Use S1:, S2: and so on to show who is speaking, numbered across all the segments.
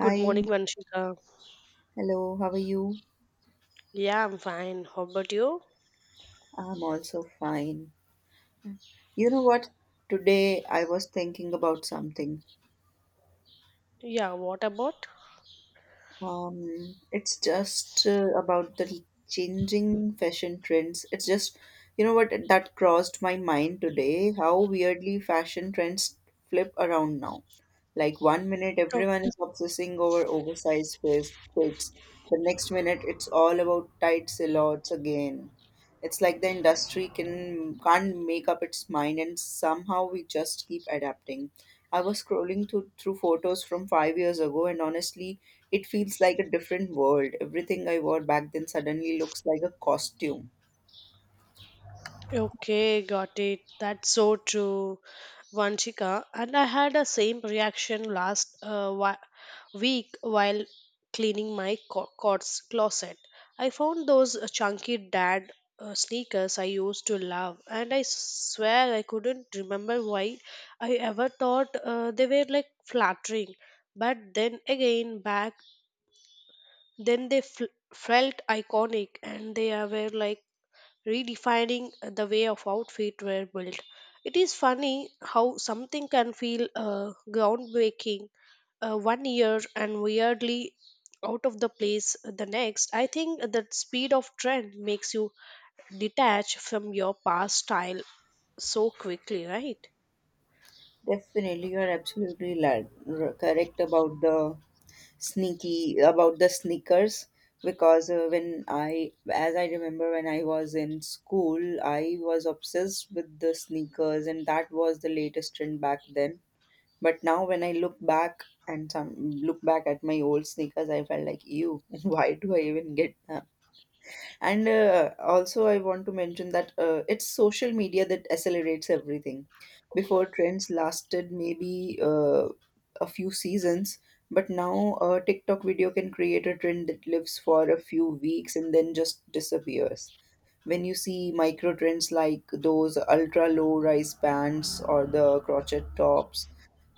S1: Good morning, Vanshika.
S2: hello, how are you?
S1: Yeah, I'm fine. How about you?
S2: I'm also fine. You know what? Today I was thinking about something.
S1: Yeah, what about?
S2: It's just about the changing fashion trends. It's just, you know what, that crossed my mind today, how weirdly fashion trends flip around now. Like one minute
S1: O-
S2: everyone is obsessing over oversized fits. The next minute it's all about tight silhouettes again. It's like the industry can't make up its mind, and somehow we just keep adapting. I was scrolling through photos from 5 years ago, and honestly, it feels like a different world. Everything I wore back then suddenly looks like a costume.
S1: Okay, got it. That's so true, Vanshika. And I had a same reaction last week while cleaning my closet. I found those chunky dad sneakers I used to love, and I swear I couldn't remember why I ever thought they were like flattering. But then again, back then they felt iconic, and they are were like redefining the way of outfit were built. It is funny how something can feel groundbreaking one year and weirdly out of the place the next. I think the speed of trend makes you detach from your past style so quickly, right?
S2: Definitely, you are absolutely correct about the sneakers because when as I remember, when I was in school, I was obsessed with the sneakers, and that was the latest trend back then. But now when I look back and some look back at my old sneakers, I felt like, ew, why do I even get them? And also, I want to mention that it's social media that accelerates everything. Before trends lasted maybe a few seasons, but now a TikTok video can create a trend that lives for a few weeks and then just disappears when you see micro trends like those ultra low rise pants or the crotchet tops,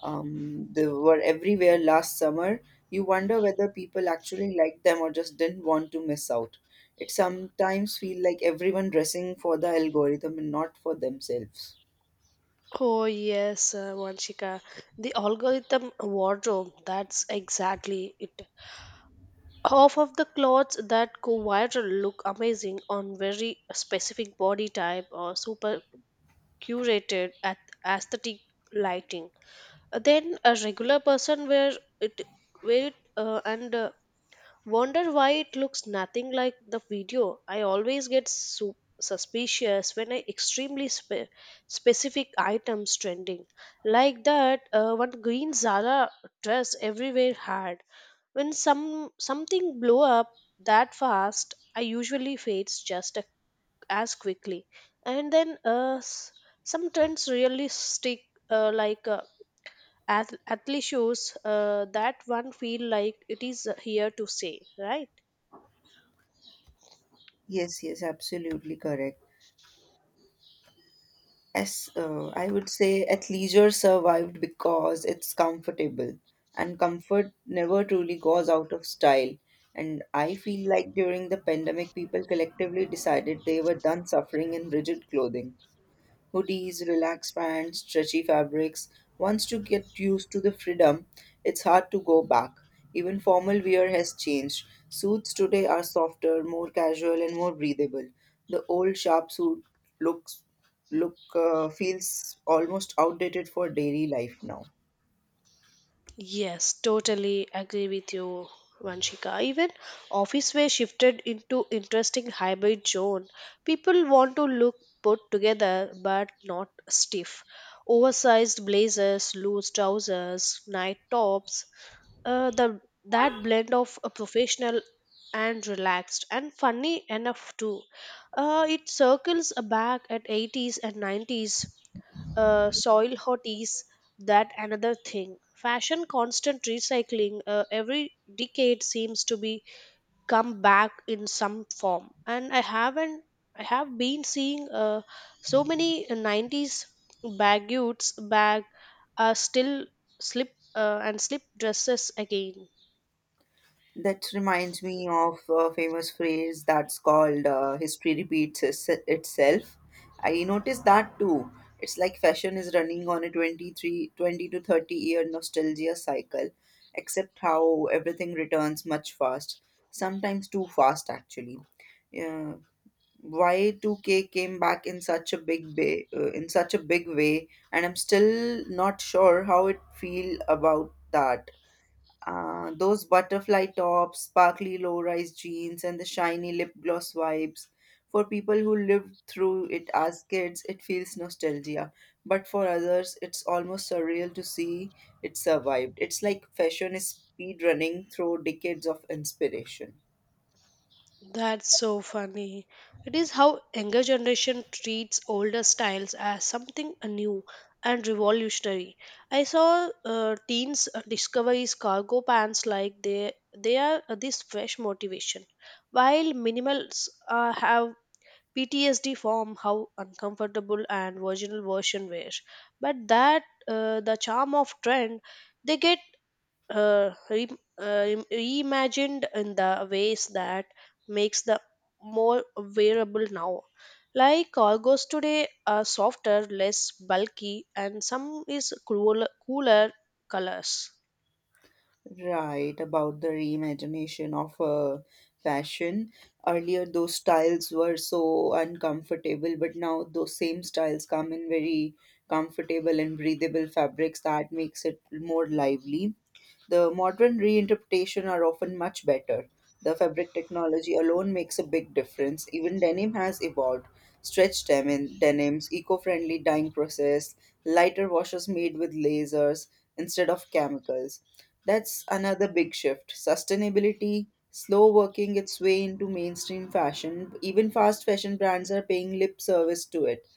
S2: they were everywhere last summer. You wonder whether people actually liked them or just didn't want to miss out. It sometimes feel like everyone dressing for the algorithm and not for themselves.
S1: Oh yes, Vanshika, the algorithm wardrobe. That's exactly it. Half of the clothes that go viral look amazing on very specific body type or super curated at aesthetic lighting. Then a regular person wear it wear it. And Wonder why it looks nothing like the video. I always get suspicious when I extremely specific items trending, like that one green Zara dress everywhere had. When something blow up that fast, I usually fades as quickly. And then some trends really stick, uh, like uh, athlete shoes. That one feel like it is here to stay, right?
S2: Yes, yes, absolutely correct. As I would say, athleisure survived because it's comfortable, and comfort never truly goes out of style. And I feel like during the pandemic, people collectively decided they were done suffering in rigid clothing. Hoodies, relaxed pants, stretchy fabrics. Once you get used to the freedom, it's hard to go back. Even formal wear has changed. Suits today are softer, more casual, and more breathable. The old sharp suit looks look feels almost outdated for daily life now.
S1: Yes, totally agree with you, Vanshika. Even office wear shifted into interesting hybrid zone. People want to look put together but not stiff. Oversized blazers, loose trousers, night tops. The that blend of a professional and relaxed, and funny enough too. It circles back at 80s and 90s, soil hotties. That another thing fashion constant recycling. Every decade seems to be come back in some form, and I haven't I have been seeing so many 90s baguettes bag are still slip and slip dresses again.
S2: That reminds me of a famous phrase that's called history itself. I noticed that too. It's like fashion is running on a 23, 20 to 30 year nostalgia cycle, except how everything returns much fast, sometimes too fast actually. Yeah, Y2K came back in such a big way, and I'm still not sure how it feel about that. Those butterfly tops, sparkly low rise jeans, and the shiny lip gloss vibes. For people who lived through it as kids, it feels nostalgia. But for others, it's almost surreal to see it survived. It's like fashion is speed running through decades of inspiration.
S1: That's so funny. It is how younger generation treats older styles as something new and revolutionary. I saw teens discovers cargo pants like they are this fresh motivation, while minimals have PTSD form how uncomfortable and virginal version wear. But that the charm of trend, they get uh, re- reimagined in the ways that makes the more wearable now. Like cargos today are softer, less bulky, and some is cooler colors.
S2: Right, about the reimagination of fashion. Earlier, those styles were so uncomfortable, but now those same styles come in very comfortable and breathable fabrics that makes it more lively. The modern reinterpretation are often much better. The fabric technology alone makes a big difference. Even denim has evolved. Denims, eco-friendly dyeing process, lighter washes made with lasers instead of chemicals. That's another big shift. Sustainability, slow working its way into mainstream fashion. Even fast fashion brands are paying lip service to it.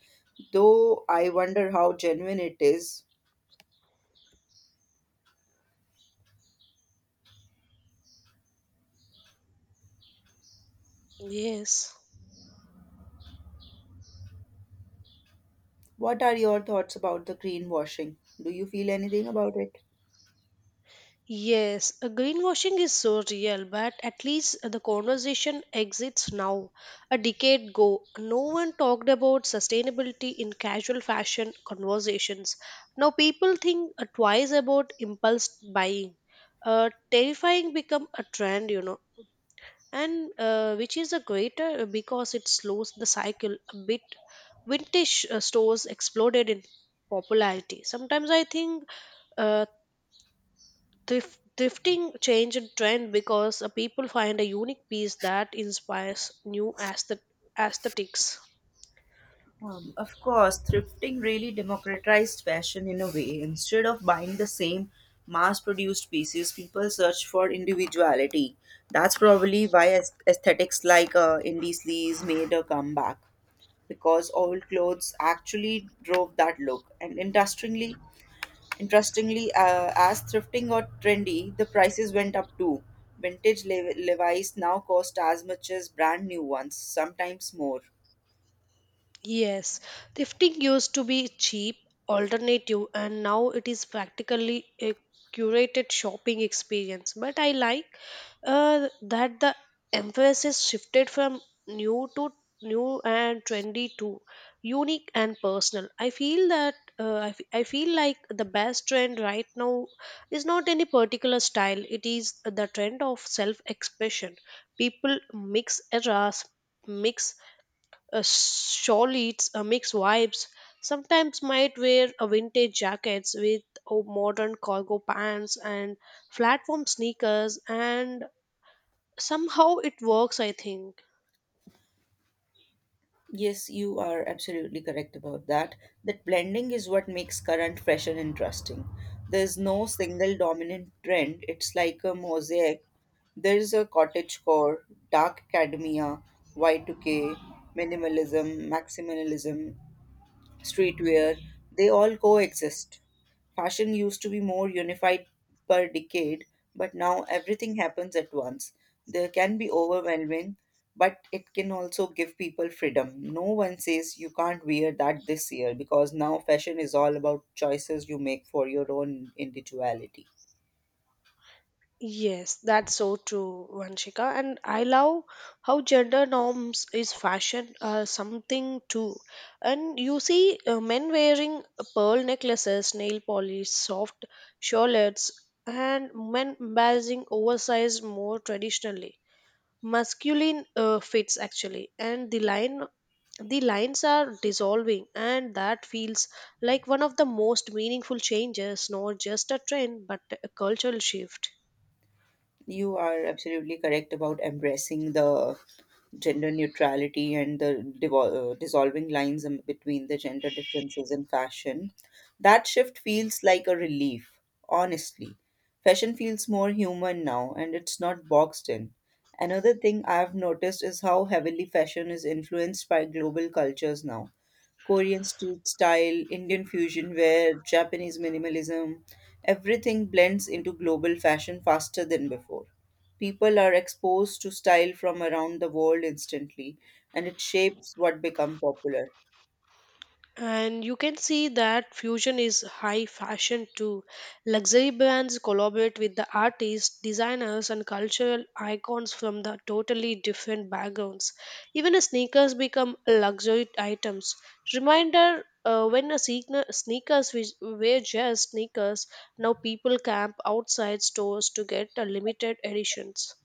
S2: Though I wonder how genuine it is.
S1: Yes
S2: What are your thoughts about the greenwashing? Do you feel anything about it?
S1: Yes, greenwashing is so real, but at least the conversation exists now. A decade ago, no one talked about sustainability in casual fashion conversations. Now people think twice about impulse buying. Terrifying become a trend, you know, and which is a greater because it slows the cycle a bit. Vintage stores exploded in popularity. Sometimes I think uh. Thrifting changed trend because people find a unique piece that inspires new aesthetics.
S2: Of course, thrifting really democratized fashion in a way. Instead of buying the same mass produced pieces, people search for individuality. That's probably why aesthetics like indie sleeves made a comeback because old clothes actually drove that look. And interestingly, as thrifting got trendy, the prices went up too. Vintage Levi's now cost as much as brand new ones, sometimes more.
S1: Yes, thrifting used to be cheap alternative, and now it is practically a curated shopping experience. But I like that the emphasis shifted from new to new and trendy to unique and personal. I feel that I feel like the best trend right now is not any particular style. It is the trend of self-expression. People mix eras, mix surely it's a mixed vibes. Sometimes might wear a vintage jackets with oh, modern cargo pants and platform sneakers, and somehow it works, I think.
S2: Yes, you are absolutely correct about that. That blending is what makes current fashion interesting. There's no single dominant trend, it's like a mosaic. There's a cottage core, dark academia, Y2K, minimalism, maximalism, streetwear, they all coexist. Fashion used to be more unified per decade, but now everything happens at once. There can be overwhelming, but it can also give people freedom. No one says you can't wear that this year because now fashion is all about choices you make for your own individuality.
S1: Yes, that's so true, Vanshika. And I love how gender norms is fashion something too. And you see men wearing pearl necklaces, nail polish, soft shawlets, and men embracing oversized more traditionally masculine fits actually. And the lines are dissolving, and that feels like one of the most meaningful changes, not just a trend but a cultural shift.
S2: You are absolutely correct about embracing the gender neutrality and the dissolving lines in between the gender differences in fashion. That shift feels like a relief, honestly. Fashion feels more human now and it's not boxed in. Another thing I've noticed is how heavily fashion is influenced by global cultures now. Korean street style, Indian fusion wear, Japanese minimalism, everything blends into global fashion faster than before. People are exposed to style from around the world instantly, and it shapes what become popular.
S1: And you can see that fusion is high fashion too. Luxury brands collaborate with the artists, designers, and cultural icons from the totally different backgrounds. Even the sneakers become luxury items. Reminder when a sneakers which were just sneakers, now people camp outside stores to get the limited editions.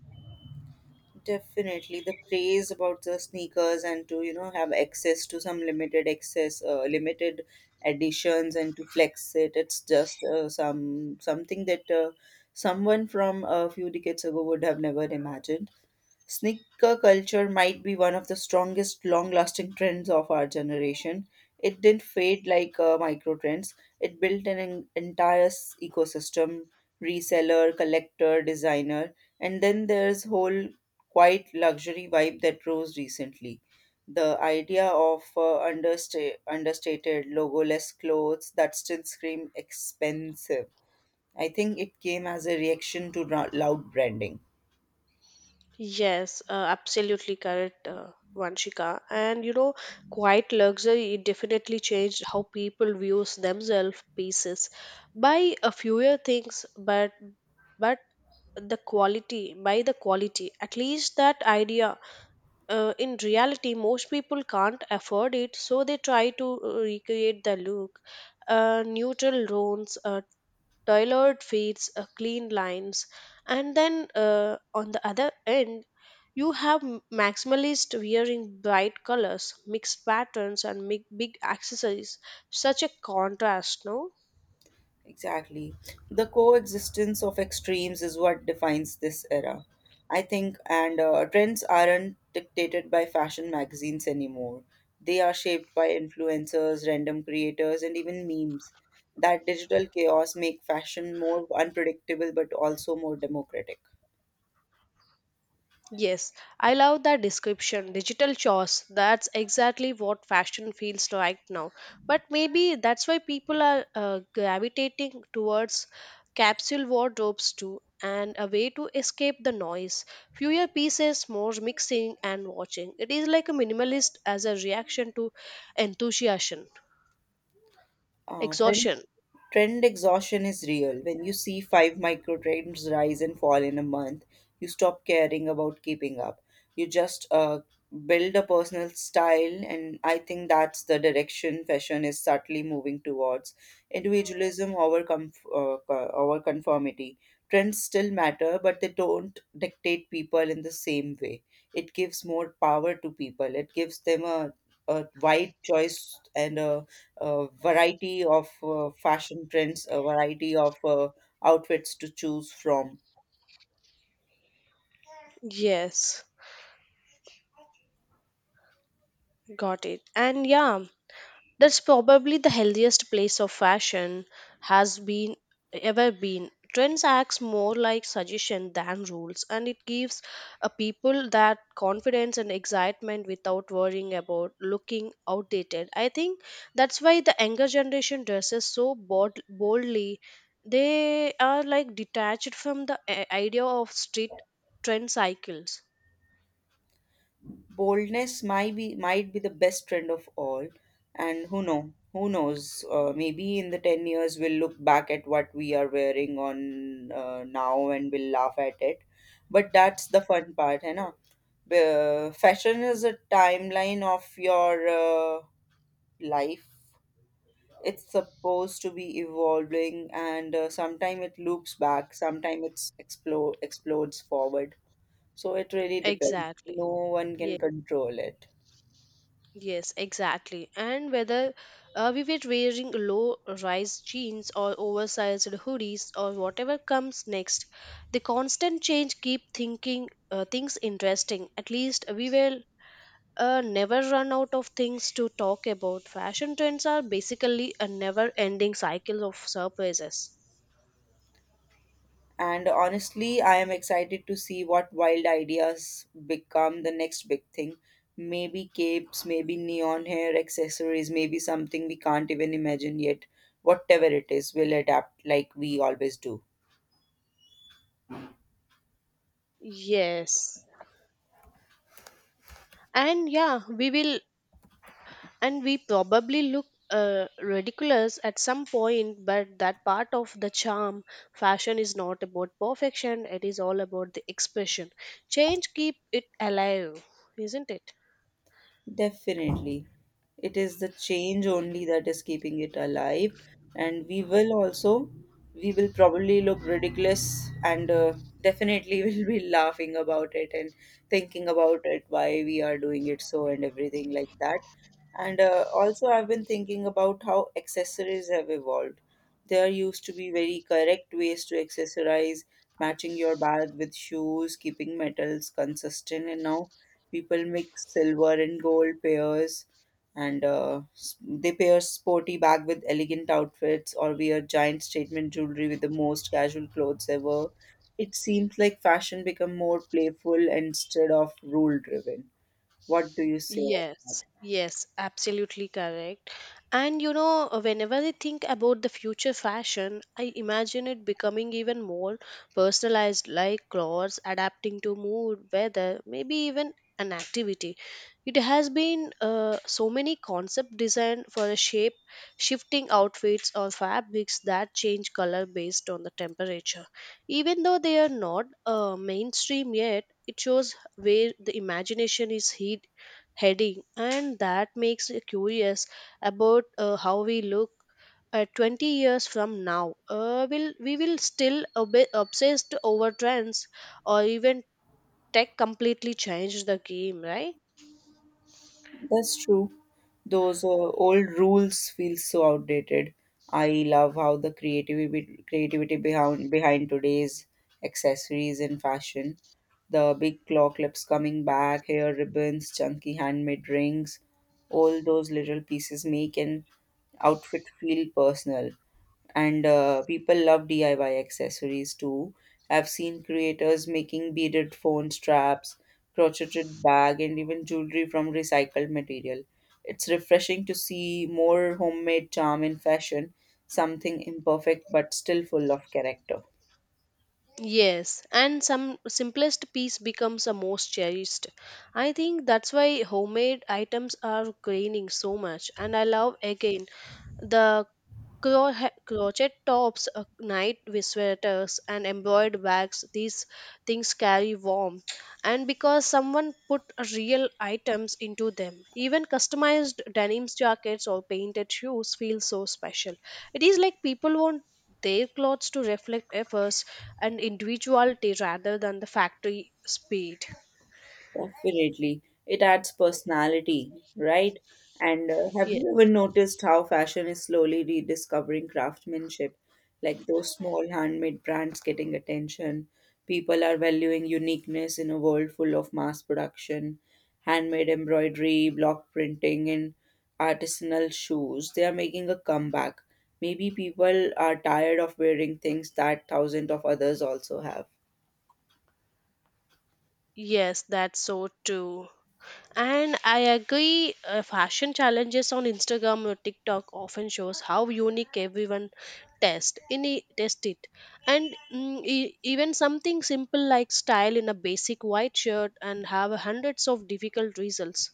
S2: Definitely, the craze about the sneakers and to you know have access to some limited editions, and to flex it. It's just something that someone from a few decades ago would have never imagined. Sneaker culture might be one of the strongest, long lasting trends of our generation. It didn't fade like micro trends, it built entire ecosystem, reseller, collector, designer, and then there's whole quiet luxury vibe that rose recently. The idea of understated, logoless clothes that still scream expensive. I think it came as a reaction to loud branding.
S1: Yes, absolutely correct, Vanshika. And you know, quiet luxury it definitely changed how people views themselves pieces. Buy a fewer things, but the quality by the quality, at least that idea. In reality most people can't afford it, so they try to recreate the look. Neutral tones, tailored feeds, clean lines, and then on the other end, you have maximalist wearing bright colors, mixed patterns, and big accessories. Such a contrast, no?
S2: Exactly. The coexistence of extremes is what defines this era, I think, and trends aren't dictated by fashion magazines anymore. They are shaped by influencers, random creators, and even memes. That digital chaos make fashion more unpredictable but also more democratic.
S1: Yes, I love that description. Digital chores. That's exactly what fashion feels like now. But maybe that's why people are gravitating towards capsule wardrobes too, and a way to escape the noise. Fewer pieces, more mixing and watching. It is like a minimalist as a reaction to enthusiasm,
S2: Uh,
S1: exhaustion.
S2: Trend exhaustion is real. When you see five micro trends rise and fall in a month, you stop caring about keeping up. You just build a personal style, and I think that's the direction fashion is subtly moving towards. Individualism over conformity. Trends still matter, but they don't dictate people in the same way. It gives more power to people, it gives them a wide choice and a variety of fashion trends, a variety of outfits to choose from.
S1: Yes, got it. And yeah. That's probably the healthiest place of fashion has been ever been. Trends acts more like suggestion than rules, and it gives a people that confidence and excitement without worrying about looking outdated. I think that's why the younger generation dresses so boldly. They are like detached from the idea of street trend cycles.
S2: Boldness might be the best trend of all, and who knows maybe in the 10 years we'll look back at what we are wearing on now and we'll laugh at it, but that's the fun part hai na? Fashion is a timeline of your life. It's supposed to be evolving and sometime it loops back, sometime it's explode explodes forward, so it really depends.
S1: Exactly.
S2: No one can control it.
S1: Yes, exactly. And whether we were wearing low rise jeans or oversized hoodies or whatever comes next, the constant change keep thinking things interesting. At least we will never run out of things to talk about. Fashion trends are basically a never ending cycle of surprises.
S2: And honestly, I am excited to see what wild ideas become the next big thing. Maybe capes, maybe neon hair accessories, maybe something we can't even imagine yet. Whatever it is, we'll adapt like we always do.
S1: Yes. And yeah, we will and we probably look ridiculous at some point, but that part of the charm. Fashion is not about perfection, it is all about the expression. Change keep it alive, isn't it?
S2: Definitely. It is the change only that is keeping it alive. And we will we will probably look ridiculous and definitely will be laughing about it and thinking about it, why we are doing it so and everything like that. And also, I've been thinking about how accessories have evolved. There used to be very correct ways to accessorize, matching your bag with shoes, keeping metals consistent, and now people mix silver and gold pairs, and they pair sporty bag with elegant outfits or wear giant statement jewelry with the most casual clothes ever. It seems like fashion become more playful instead of rule driven. What do you say?
S1: Yes, yes, absolutely correct. And you know, whenever I think about the future fashion, I imagine it becoming even more personalized, like clothes adapting to mood, weather, maybe even an activity. It has been so many concept designed for the shifting outfits or fabrics that change color based on the temperature. Even though they are not mainstream yet, it shows where the imagination is hid heading, and that makes me curious about how we look at 20 years from now. Will we will still obsessed over trends, or even tech completely changed the game, right?
S2: That's true. Those old rules feel so outdated. I love how the creativity behind today's accessories and fashion. The big claw clips coming back, hair ribbons, chunky handmade rings, all those little pieces make an outfit feel personal, and people love DIY accessories too. I've seen creators making beaded phone straps, crocheted bag, and even jewelry from recycled material. It's refreshing to see more homemade charm in fashion, something imperfect but still full of character.
S1: Yes, and some simplest piece becomes the most cherished. I think that's why homemade items are gaining so much. And I love again the crochet tops, night with sweaters, and embroidered bags, these things carry warmth. And because someone put real items into them, even customized denim jackets or painted shoes feel so special. It is like people want their clothes to reflect efforts and individuality rather than the factory speed.
S2: Definitely. It adds personality, right? And have you ever
S1: Yes,
S2: noticed how fashion is slowly rediscovering craftsmanship? Like those small handmade brands getting attention. People are valuing uniqueness in a world full of mass production, handmade embroidery, block printing, and artisanal shoes. They are making a comeback. Maybe people are tired of wearing things that thousands of others also have.
S1: yes, that's so true. And I agree, fashion challenges on Instagram or TikTok often shows how unique everyone test it. And even something simple like style in a basic white shirt and have hundreds of difficult results.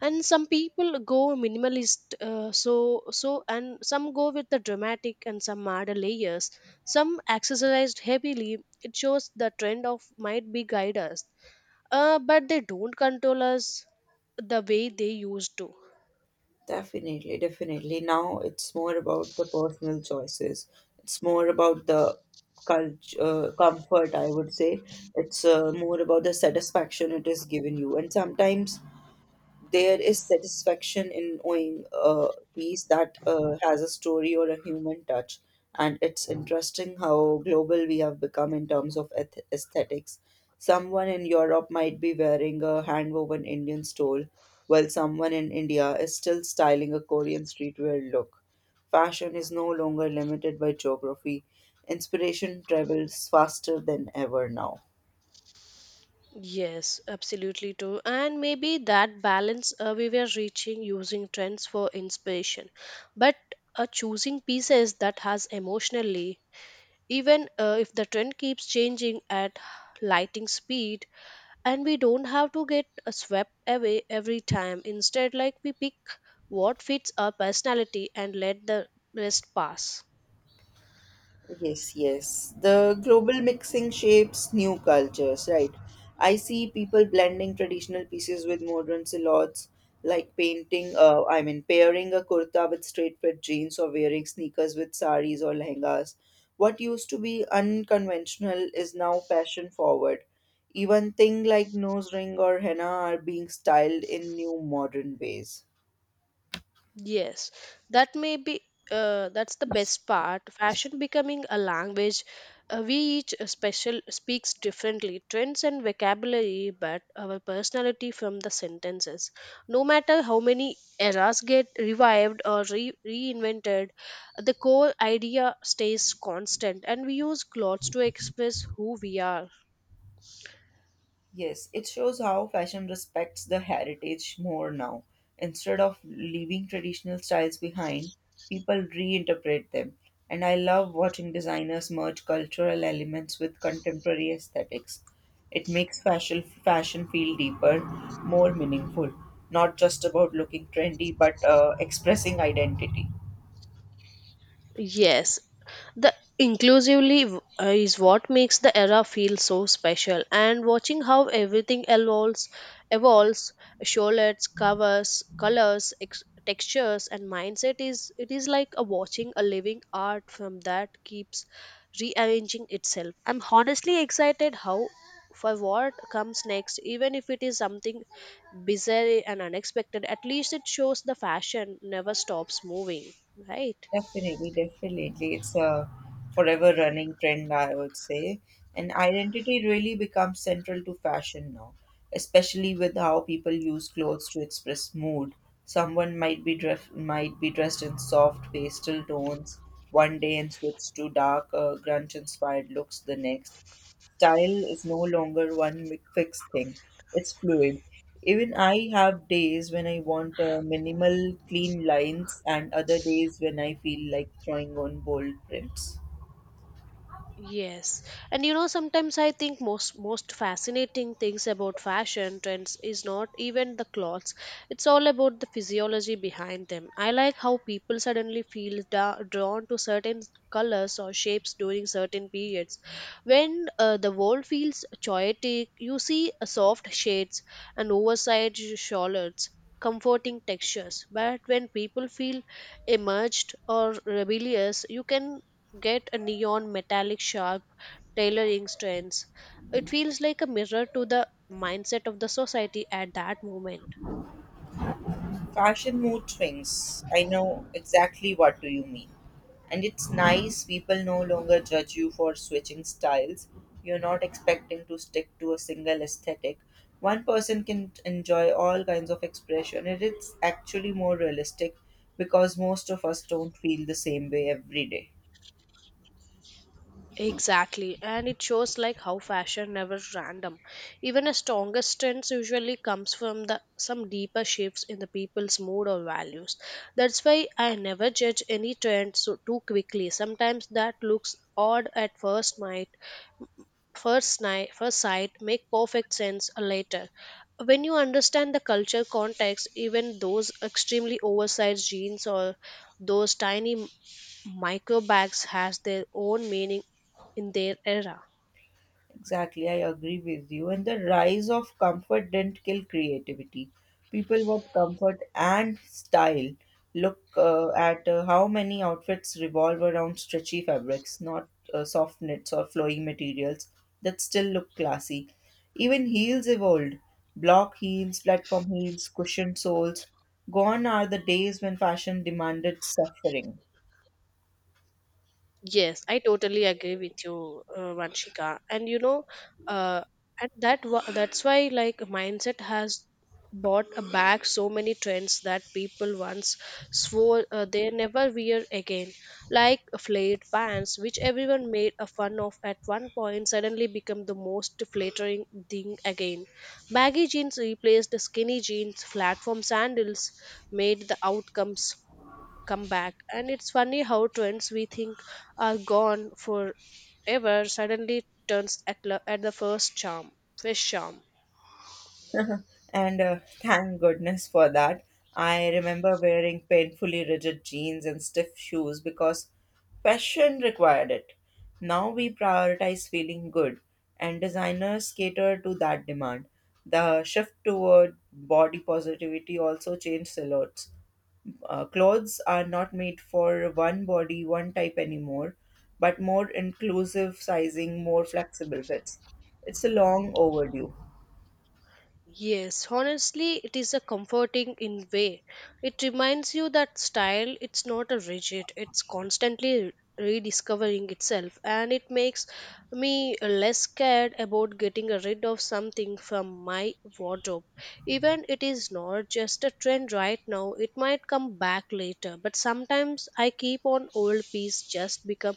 S1: And some people go minimalist, so, and some go with the dramatic, and some add layers. Some accessorized heavily. It shows the trend of might be guide us, but they don't control us the way they used to.
S2: Definitely. Now it's more about the personal choices. It's more about the comfort, I would say. It's more about the satisfaction it is giving you. And sometimes there is satisfaction in owning a piece that has a story or a human touch. And it's interesting how global we have become in terms of aesthetics. Someone in Europe might be wearing a hand-woven Indian stole, while someone in India is still styling a Korean streetwear look. Fashion is no longer limited by geography. Inspiration travels faster than ever now.
S1: Yes, absolutely too. And maybe that balance we were reaching, using trends for inspiration, but choosing pieces that has emotionally, even if the trend keeps changing at lighting speed, and we don't have to get swept away every time. Instead, like we pick what fits our personality and let the rest pass.
S2: Yes, yes. The global mixing shapes new cultures, right? I see people blending traditional pieces with modern silhouettes, like pairing a kurta with straight fit jeans or wearing sneakers with saris or lehengas. What used to be unconventional is now fashion forward. Even things like nose ring or henna are being styled in new modern ways.
S1: Yes, that may be that's the best part. Fashion becoming a language, we each special speaks differently, trends and vocabulary, but our personality from the sentences. No matter how many eras get revived or reinvented, the core idea stays constant, and we use clothes to express who we are.
S2: Yes, it shows how fashion respects the heritage more now. Instead of leaving traditional styles behind, people reinterpret them. And I love watching designers merge cultural elements with contemporary aesthetics. It makes fashion feel deeper, more meaningful, not just about looking trendy, but expressing identity.
S1: Yes, the is what makes the era feel so special, and watching how everything evolves, shawlets, covers, colors, textures, and mindset is it is like a watching a living art from that keeps rearranging itself. I'm honestly excited how for what comes next, even if it is something bizarre and unexpected. At least it shows the fashion never stops moving, right?
S2: Definitely, definitely. It's a forever running trend, I would say. And identity really becomes central to fashion now, especially with how people use clothes to express mood. Someone might be dress might be dressed in soft pastel tones one day and switch to dark, grunge-inspired looks the next. Style is no longer fixed thing, it's fluid. Even I have days when I want minimal, clean lines, and other days when I feel like throwing on bold prints.
S1: Yes. And you know, sometimes I think most fascinating things about fashion trends is not even the clothes. It's all about the physiology behind them. I like how people suddenly feel drawn to certain colors or shapes during certain periods. When the world feels chaotic, you see soft shades and oversized shawls, comforting textures. But when people feel emerged or rebellious, you can get a neon metallic sharp tailoring strands. It feels like a mirror to the mindset of the society at that moment.
S2: Fashion mood swings. I know exactly what do you mean. And it's nice people no longer judge you for switching styles. You're not expecting to stick to a single aesthetic. One person can enjoy all kinds of expression, and it's actually more realistic because most of us don't feel the same way every day.
S1: Exactly, and it shows like how fashion never random. Even a strongest trends usually comes from the some deeper shifts in the people's mood or values. That's why I never judge any trend so too quickly. Sometimes that looks odd at first sight. First sight make perfect sense later, when you understand the culture context. Even those extremely oversized jeans or those tiny micro bags has their own meaning in their era.
S2: Exactly, I agree with you. And the rise of comfort didn't kill creativity. People want comfort and style. Look at how many outfits revolve around stretchy fabrics, not soft knits or flowing materials that still look classy. Even heels evolved. Block heels, platform heels, cushioned soles. Gone are the days when fashion demanded suffering.
S1: Yes, I totally agree with you, Vanshika. And you know, uh, that's why like mindset has brought back so many trends that people once swore they never wear again, like flared pants, which everyone made a fun of at one point, suddenly become the most flattering thing again. Baggy jeans replaced skinny jeans. Platform sandals made the outcomes come back. And it's funny how trends we think are gone forever suddenly turns at the first charm.
S2: And thank goodness for that. I remember wearing painfully rigid jeans and stiff shoes because fashion required it. Now we prioritize feeling good, and designers cater to that demand. The shift toward body positivity also changed silhouettes. Clothes are not made for one body, one type anymore, but more inclusive sizing, more flexible fits. It's a long overdue.
S1: Yes, honestly, it is a comforting in way. It reminds you that style it's not a rigid, it's constantly rediscovering itself, and it makes me less scared about getting rid of something from my wardrobe, even it is not just a trend right now. It might come back later, but sometimes I keep on old piece just become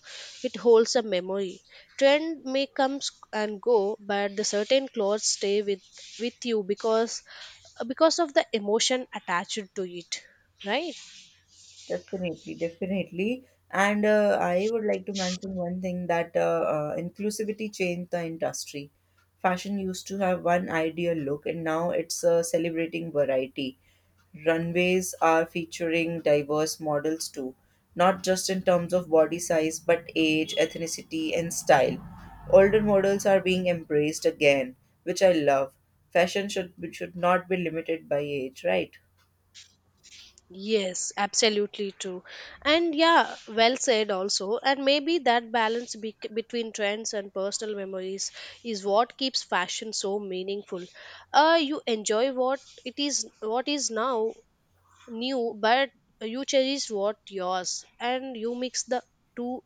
S1: it holds a memory. Trend may come and go, but the certain clothes stay with you because of the emotion attached to it, right?
S2: Definitely, definitely. And I would like to mention one thing that inclusivity changed the industry. Fashion used to have one ideal look, and now it's celebrating variety. Runways are featuring diverse models too, not just in terms of body size, but age, ethnicity, and style. Older models are being embraced again, which I love. Fashion should not be limited by age, right?
S1: Yes, absolutely true. And yeah, well said also. And maybe that balance between trends and personal memories is what keeps fashion so meaningful. You enjoy what it is, what is now new, but you cherish what yours, and you mix the two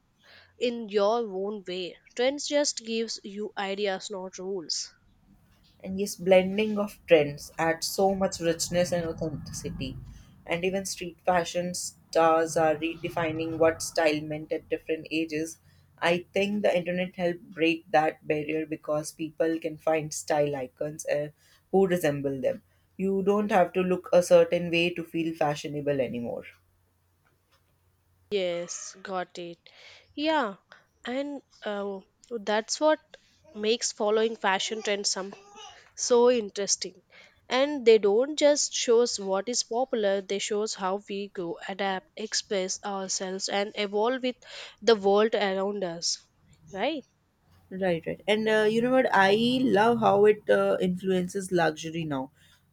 S1: in your own way. Trends just gives you ideas, not rules.
S2: And yes, blending of trends adds so much richness and authenticity. And even street fashion stars are redefining what style meant at different ages. I think the internet helped break that barrier because people can find style icons who resemble them. You don't have to look a certain way to feel fashionable anymore.
S1: Yes, got it. Yeah, and that's what makes following fashion trends some so interesting. And they don't just shows what is popular; they shows how we go, adapt, express ourselves, and evolve with the world around us, right?
S2: Right, right. And you know what? I love how it influences luxury now.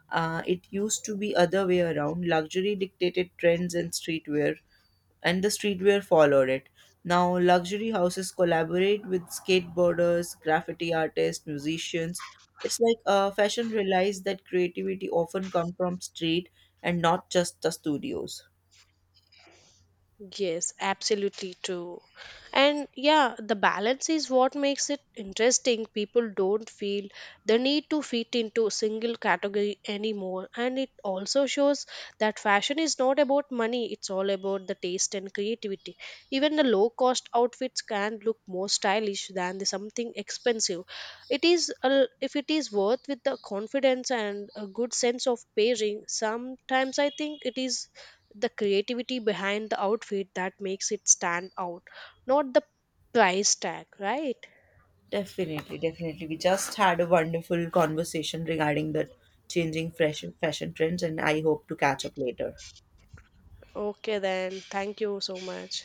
S2: It used to be other way around. Luxury dictated trends and streetwear, and the streetwear followed it. Now, luxury houses collaborate with skateboarders, graffiti artists, musicians. It's like fashion realized that creativity often comes from street and not just the studios.
S1: Yes, absolutely true. And yeah, the balance is what makes it interesting. People don't feel the need to fit into a single category anymore. And it also shows that fashion is not about money, it's all about the taste and creativity. Even the low cost outfits can look more stylish than the something expensive. It is a, if it is worth with the confidence and a good sense of pairing, sometimes I think it is the creativity behind the outfit that makes it stand out, not the price tag, right?
S2: Definitely, definitely. We just had a wonderful conversation regarding the changing fresh fashion trends, and I hope to catch up later.
S1: Okay, then. Thank you so much.